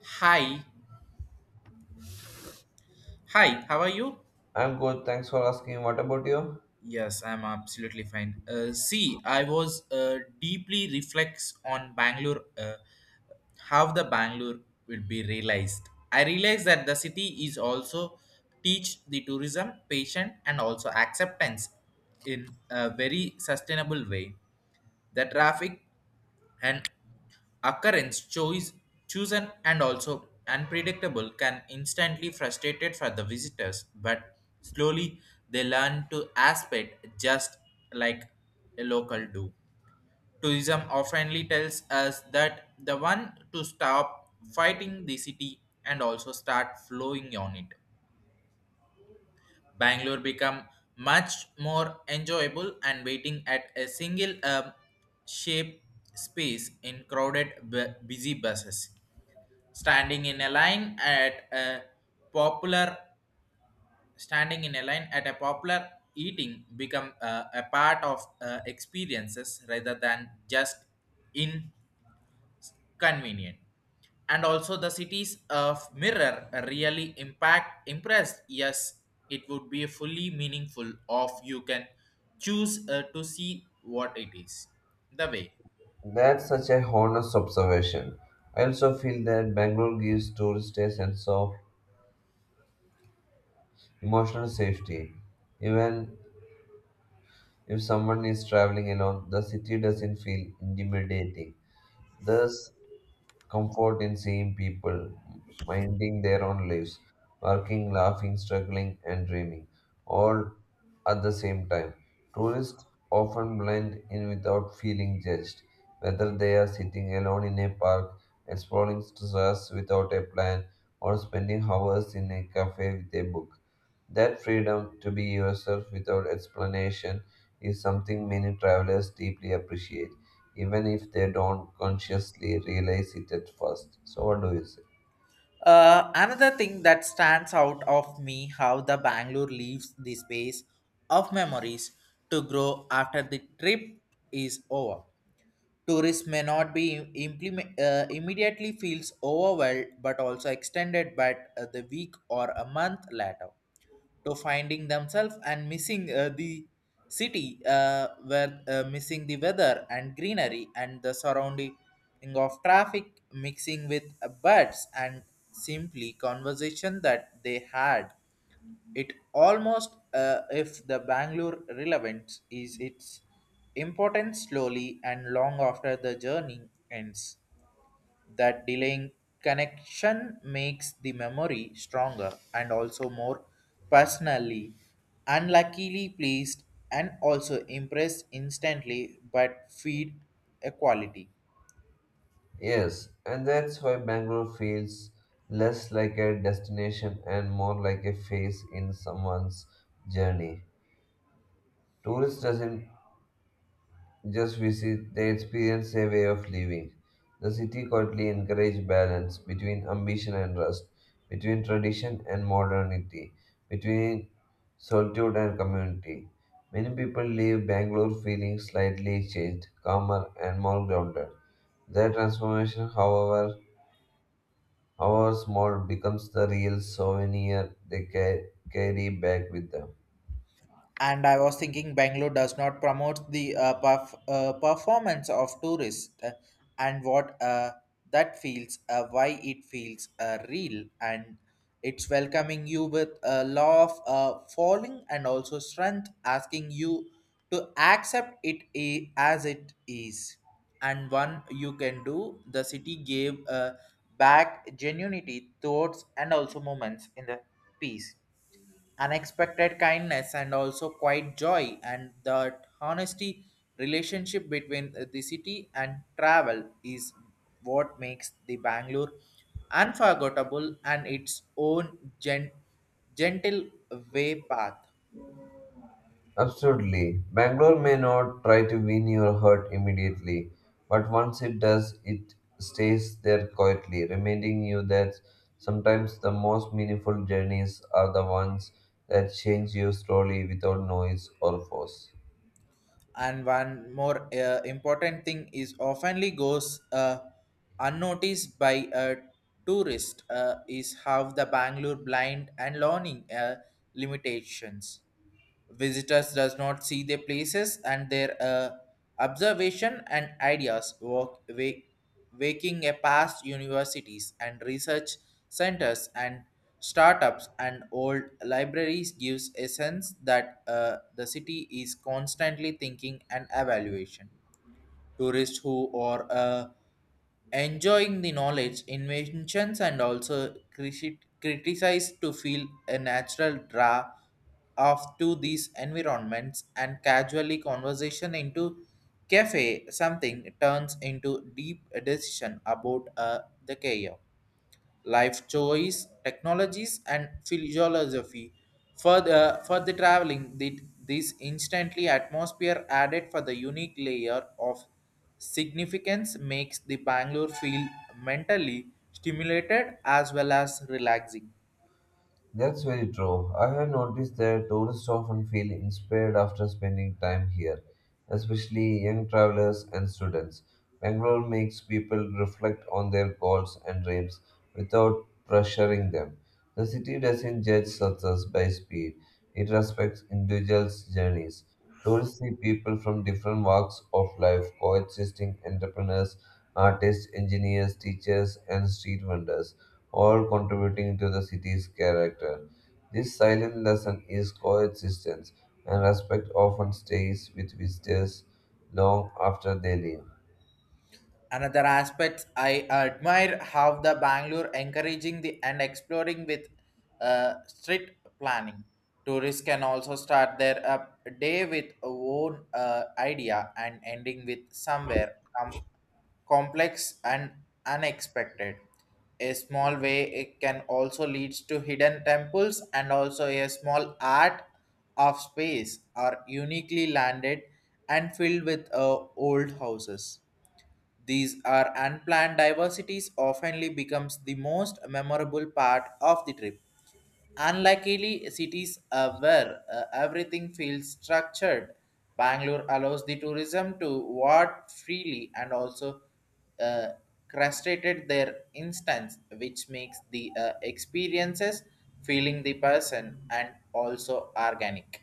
Hi. Hi, how are you? I'm good, thanks for asking. What about you? Yes, I'm absolutely fine. See, I was deeply reflects on Bangalore, how the Bangalore will be realized. I realized that the city is also teach the tourism, patient and also acceptance in a very sustainable way. The traffic and occurrence choice chosen and also unpredictable can instantly frustrated for the visitors, but slowly they learn to aspect just like a local do tourism oftenly tells us that the one to stop fighting the city and also start flowing on it. Bangalore become much more enjoyable and waiting at a single shape space in crowded busy buses, standing in a line at a popular, standing in a line at a popular eating become a part of experiences rather than just inconvenient. And also the cities of mirror really impact impressed, yes, it would be fully meaningful of you can choose to see what it is the way. That's such a honest observation. I also feel that Bangalore gives tourists a sense of emotional safety. Even if someone is traveling alone, the city doesn't feel intimidating. There's comfort in seeing people minding their own lives, working, laughing, struggling, and dreaming, all at the same time. Tourists often blend in without feeling judged, whether they are sitting alone in a park, exploring stars without a plan, or spending hours in a cafe with a book. That freedom to be yourself without explanation is something many travelers deeply appreciate even if they don't consciously realize it at first. So, what do you say? Another thing that stands out of me how the Bangalore leaves the space of memories to grow after the trip is over. Tourists may not be implement, immediately feels overwhelmed, but also extended by the week or a month later to finding themselves and missing the city where missing the weather and greenery and the surrounding of traffic mixing with birds and simply conversation that they had. It almost if the Bangalore relevance is its importance slowly and long after the journey ends, that delaying connection makes the memory stronger and also more personally unluckily pleased and also impressed instantly, but feed equality. Yes, and that's why Bangalore feels less like a destination and more like a phase in someone's journey. Tourist doesn't just visit, they experience a way of living. The city quietly encouraged balance between ambition and rest, between tradition and modernity, between solitude and community. Many people leave Bangalore feeling slightly changed, calmer, and more grounded. Their transformation, however, however small, becomes the real souvenir they carry back with them. And I was thinking Bangalore does not promote the performance of tourists and what that feels, why it feels real, and it's welcoming you with a law of falling and also strength, asking you to accept as it is. And one you can do, the city gave back genuinity, thoughts, and also moments in the piece, unexpected kindness and also quite joy, and the honesty relationship between the city and travel is what makes the Bangalore unforgettable and its own gentle way path. Absolutely. Bangalore may not try to win your heart immediately, but once it does, it stays there quietly, reminding you that sometimes the most meaningful journeys are the ones that change you slowly without noise or force. And one more important thing is oftenly goes unnoticed by a tourist is how the Bangalore blind and learning limitations. Visitors does not see the places and their observation and ideas walk, waking a past universities and research centers and startups and old libraries gives a sense that the city is constantly thinking and evaluation. Tourists who are enjoying the knowledge, inventions, and also criticize to feel a natural draw of to these environments, and casually conversation into cafe something turns into deep decision about the career life choice, technologies, and philosophy. Further traveling, did this instantly atmosphere added for the unique layer of significance makes the Bangalore feel mentally stimulated as well as relaxing. That's very true. I have noticed that tourists often feel inspired after spending time here especially young travelers and students. Bangalore makes people reflect on their goals and dreams without pressuring them. The city doesn't judge success by speed, it respects individuals' journeys. Tourists see people from different walks of life coexisting entrepreneurs, artists, engineers, teachers, and street vendors, all contributing to the city's character. This silent lesson is coexistence, and respect often stays with visitors long after they leave. Another aspect I admire how the Bangalore encouraging the and exploring with strict planning. Tourists can also start their day with a own idea and ending with somewhere complex and unexpected. A small way it can also leads to hidden temples and also a small art of space are uniquely landed and filled with old houses. These are unplanned diversities oftenly becomes the most memorable part of the trip. Unluckily, cities are where everything feels structured. Bangalore allows the tourism to walk freely and also uh, crustated their instance, which makes the experiences feeling the person and also organic.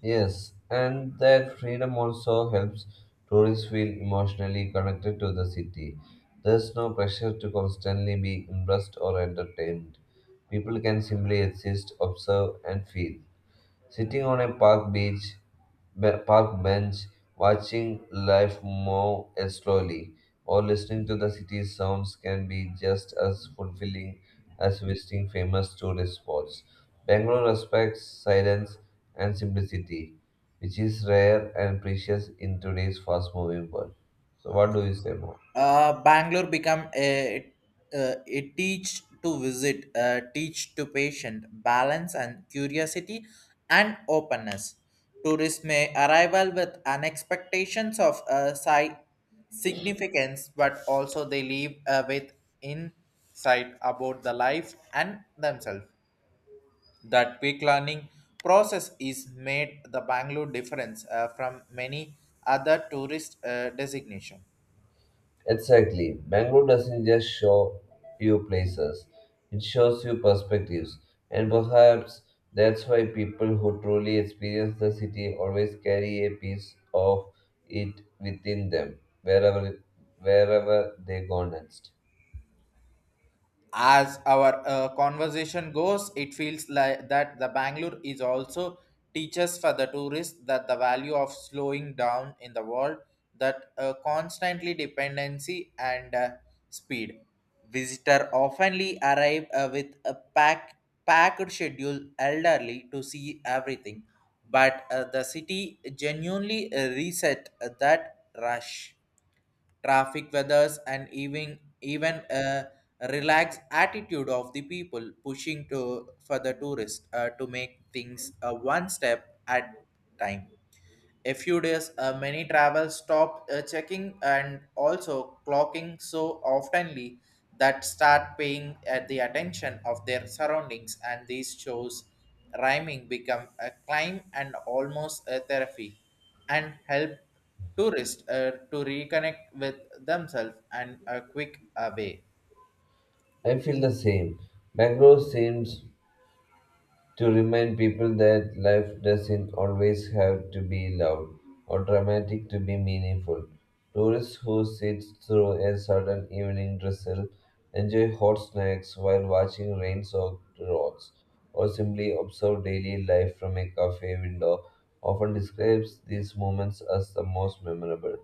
Yes, and that freedom also helps tourists feel emotionally connected to the city. There's no pressure to constantly be impressed or entertained. People can simply exist, observe, and feel. Sitting on a park beach, park bench, watching life move as slowly, or listening to the city's sounds can be just as fulfilling as visiting famous tourist spots. Bangalore respects silence and simplicity, which is rare and precious in today's fast-moving world. So, what do you say more? Bangalore become a teach to visit, teach to patient, balance and curiosity and openness. Tourists may arrival with an expectations of significance, but also they leave with insight about the life and themselves. That quick learning process is made the Bangalore difference from many other tourist designation. Exactly. Bangalore doesn't just show you places, it shows you perspectives. And perhaps that's why people who truly experience the city always carry a piece of it within them, wherever they go next. As our conversation goes, it feels like that the Bangalore is also teaches for the tourists that the value of slowing down in the world that constantly dependency and speed visitor oftenly arrive with a packed schedule elderly to see everything, but the city genuinely reset that rush traffic weathers and even a relaxed attitude of the people pushing to for the tourist to make things one step at time. A few days, many travel stop checking and also clocking so oftenly that start paying at the attention of their surroundings, and these shows rhyming become a climb and almost a therapy, and help tourists to reconnect with themselves and a quick away. I feel the same. Bangalore seems to remind people that life doesn't always have to be loud or dramatic to be meaningful. Tourists who sit through a sudden evening drizzle, enjoy hot snacks while watching rain soaked roads, or simply observe daily life from a cafe window often describes these moments as the most memorable.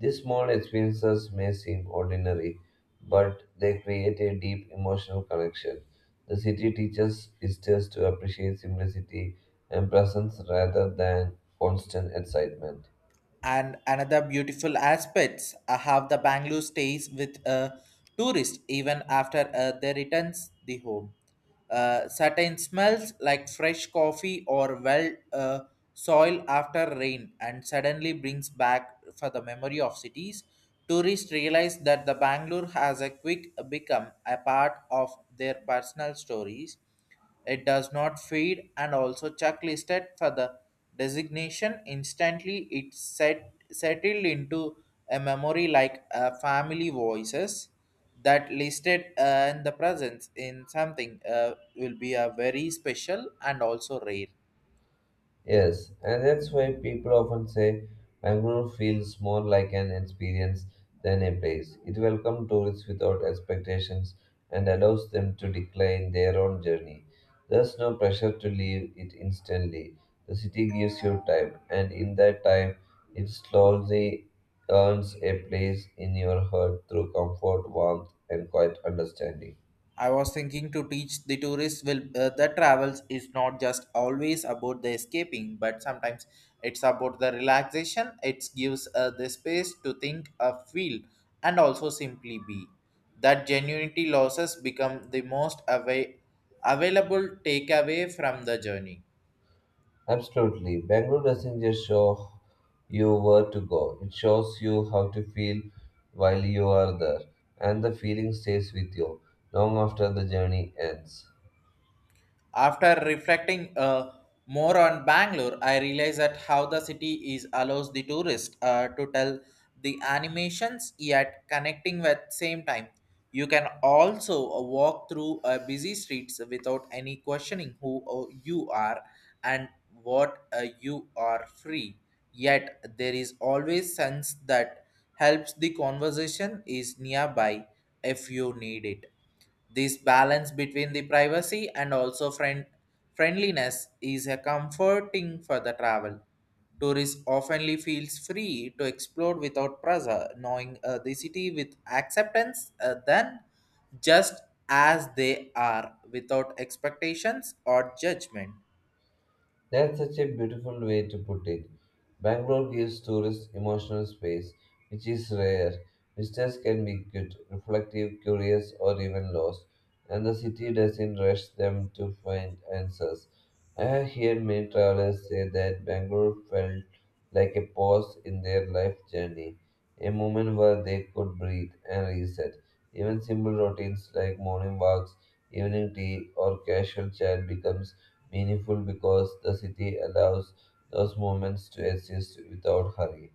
These small experiences may seem ordinary, but they create a deep emotional connection. The city teaches visitors to appreciate simplicity and presence rather than constant excitement. And another beautiful aspects how the Bangalore stays with a tourist even after they returns the home. Certain smells like fresh coffee or well soil after rain and suddenly brings back for the memory of cities. Tourists realize that the Bangalore has a quick become a part of their personal stories. It does not feed and also checklisted for the designation. Instantly, settled into a memory like a family voices that listed and the presence in something will be a very special and also rare. Yes, and that's why people often say Bangalore feels more like an experience than a place. It welcomes tourists without expectations and allows them to decline their own journey. There's no pressure to leave it instantly. The city gives you time, and in that time, it slowly earns a place in your heart through comfort, warmth, and quiet understanding. I was thinking to teach the tourists will the travels is not just always about the escaping, but sometimes it's about the relaxation. It gives the space to think, feel, and also simply be. That genuinity losses become the most away available takeaway from the journey. Absolutely. Bangalore doesn't just show you where to go, it shows you how to feel while you are there, and the feeling stays with you long after the journey ends. After reflecting more on Bangalore, I realized that how the city is allows the tourist to tell the animations yet connecting with same time. You can also walk through busy streets without any questioning who you are and what you are free. Yet there is always sense that helps the conversation is nearby if you need it. This balance between the privacy and also friendliness is a comforting for the travel. Tourists oftenly feels free to explore without pressure, knowing the city with acceptance than just as they are, without expectations or judgment. That's such a beautiful way to put it. Bangalore gives tourists emotional space, which is rare. Visitors can be good, reflective, curious, or even lost, and the city doesn't rush them to find answers. I have heard many travelers say that Bangalore felt like a pause in their life journey, a moment where they could breathe and reset. Even simple routines like morning walks, evening tea, or casual chat become meaningful because the city allows those moments to exist without hurry.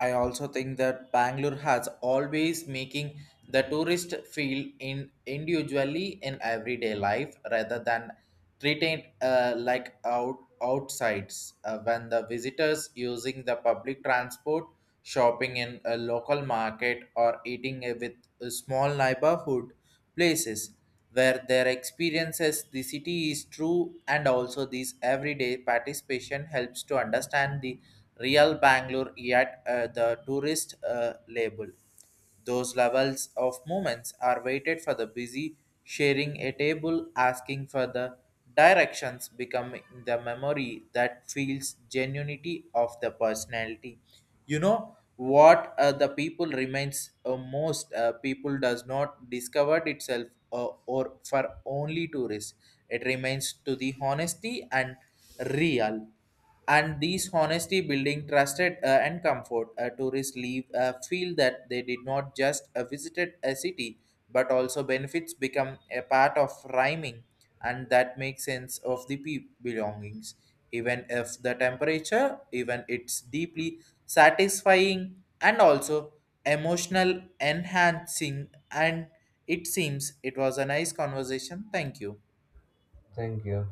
I also think that Bangalore has always making the tourist feel in individually in everyday life rather than treated like outsides when the visitors using the public transport, shopping in a local market or eating with small neighborhood places where their experiences the city is true, and also this everyday participation helps to understand the real Bangalore yet the tourist label. Those levels of moments are waited for the busy sharing a table, asking for the directions becoming the memory that feels genuinity of the personality. You know what the people remains most people does not discover itself or for only tourists, it remains to the honesty and real, and these honesty building trusted and comfort tourists leave feel that they did not just visited a city but also benefits become a part of rhyming, and that makes sense of the belongings, even if the temperature even it's deeply satisfying and also emotional enhancing. And it seems it was a nice conversation. Thank you. Thank you.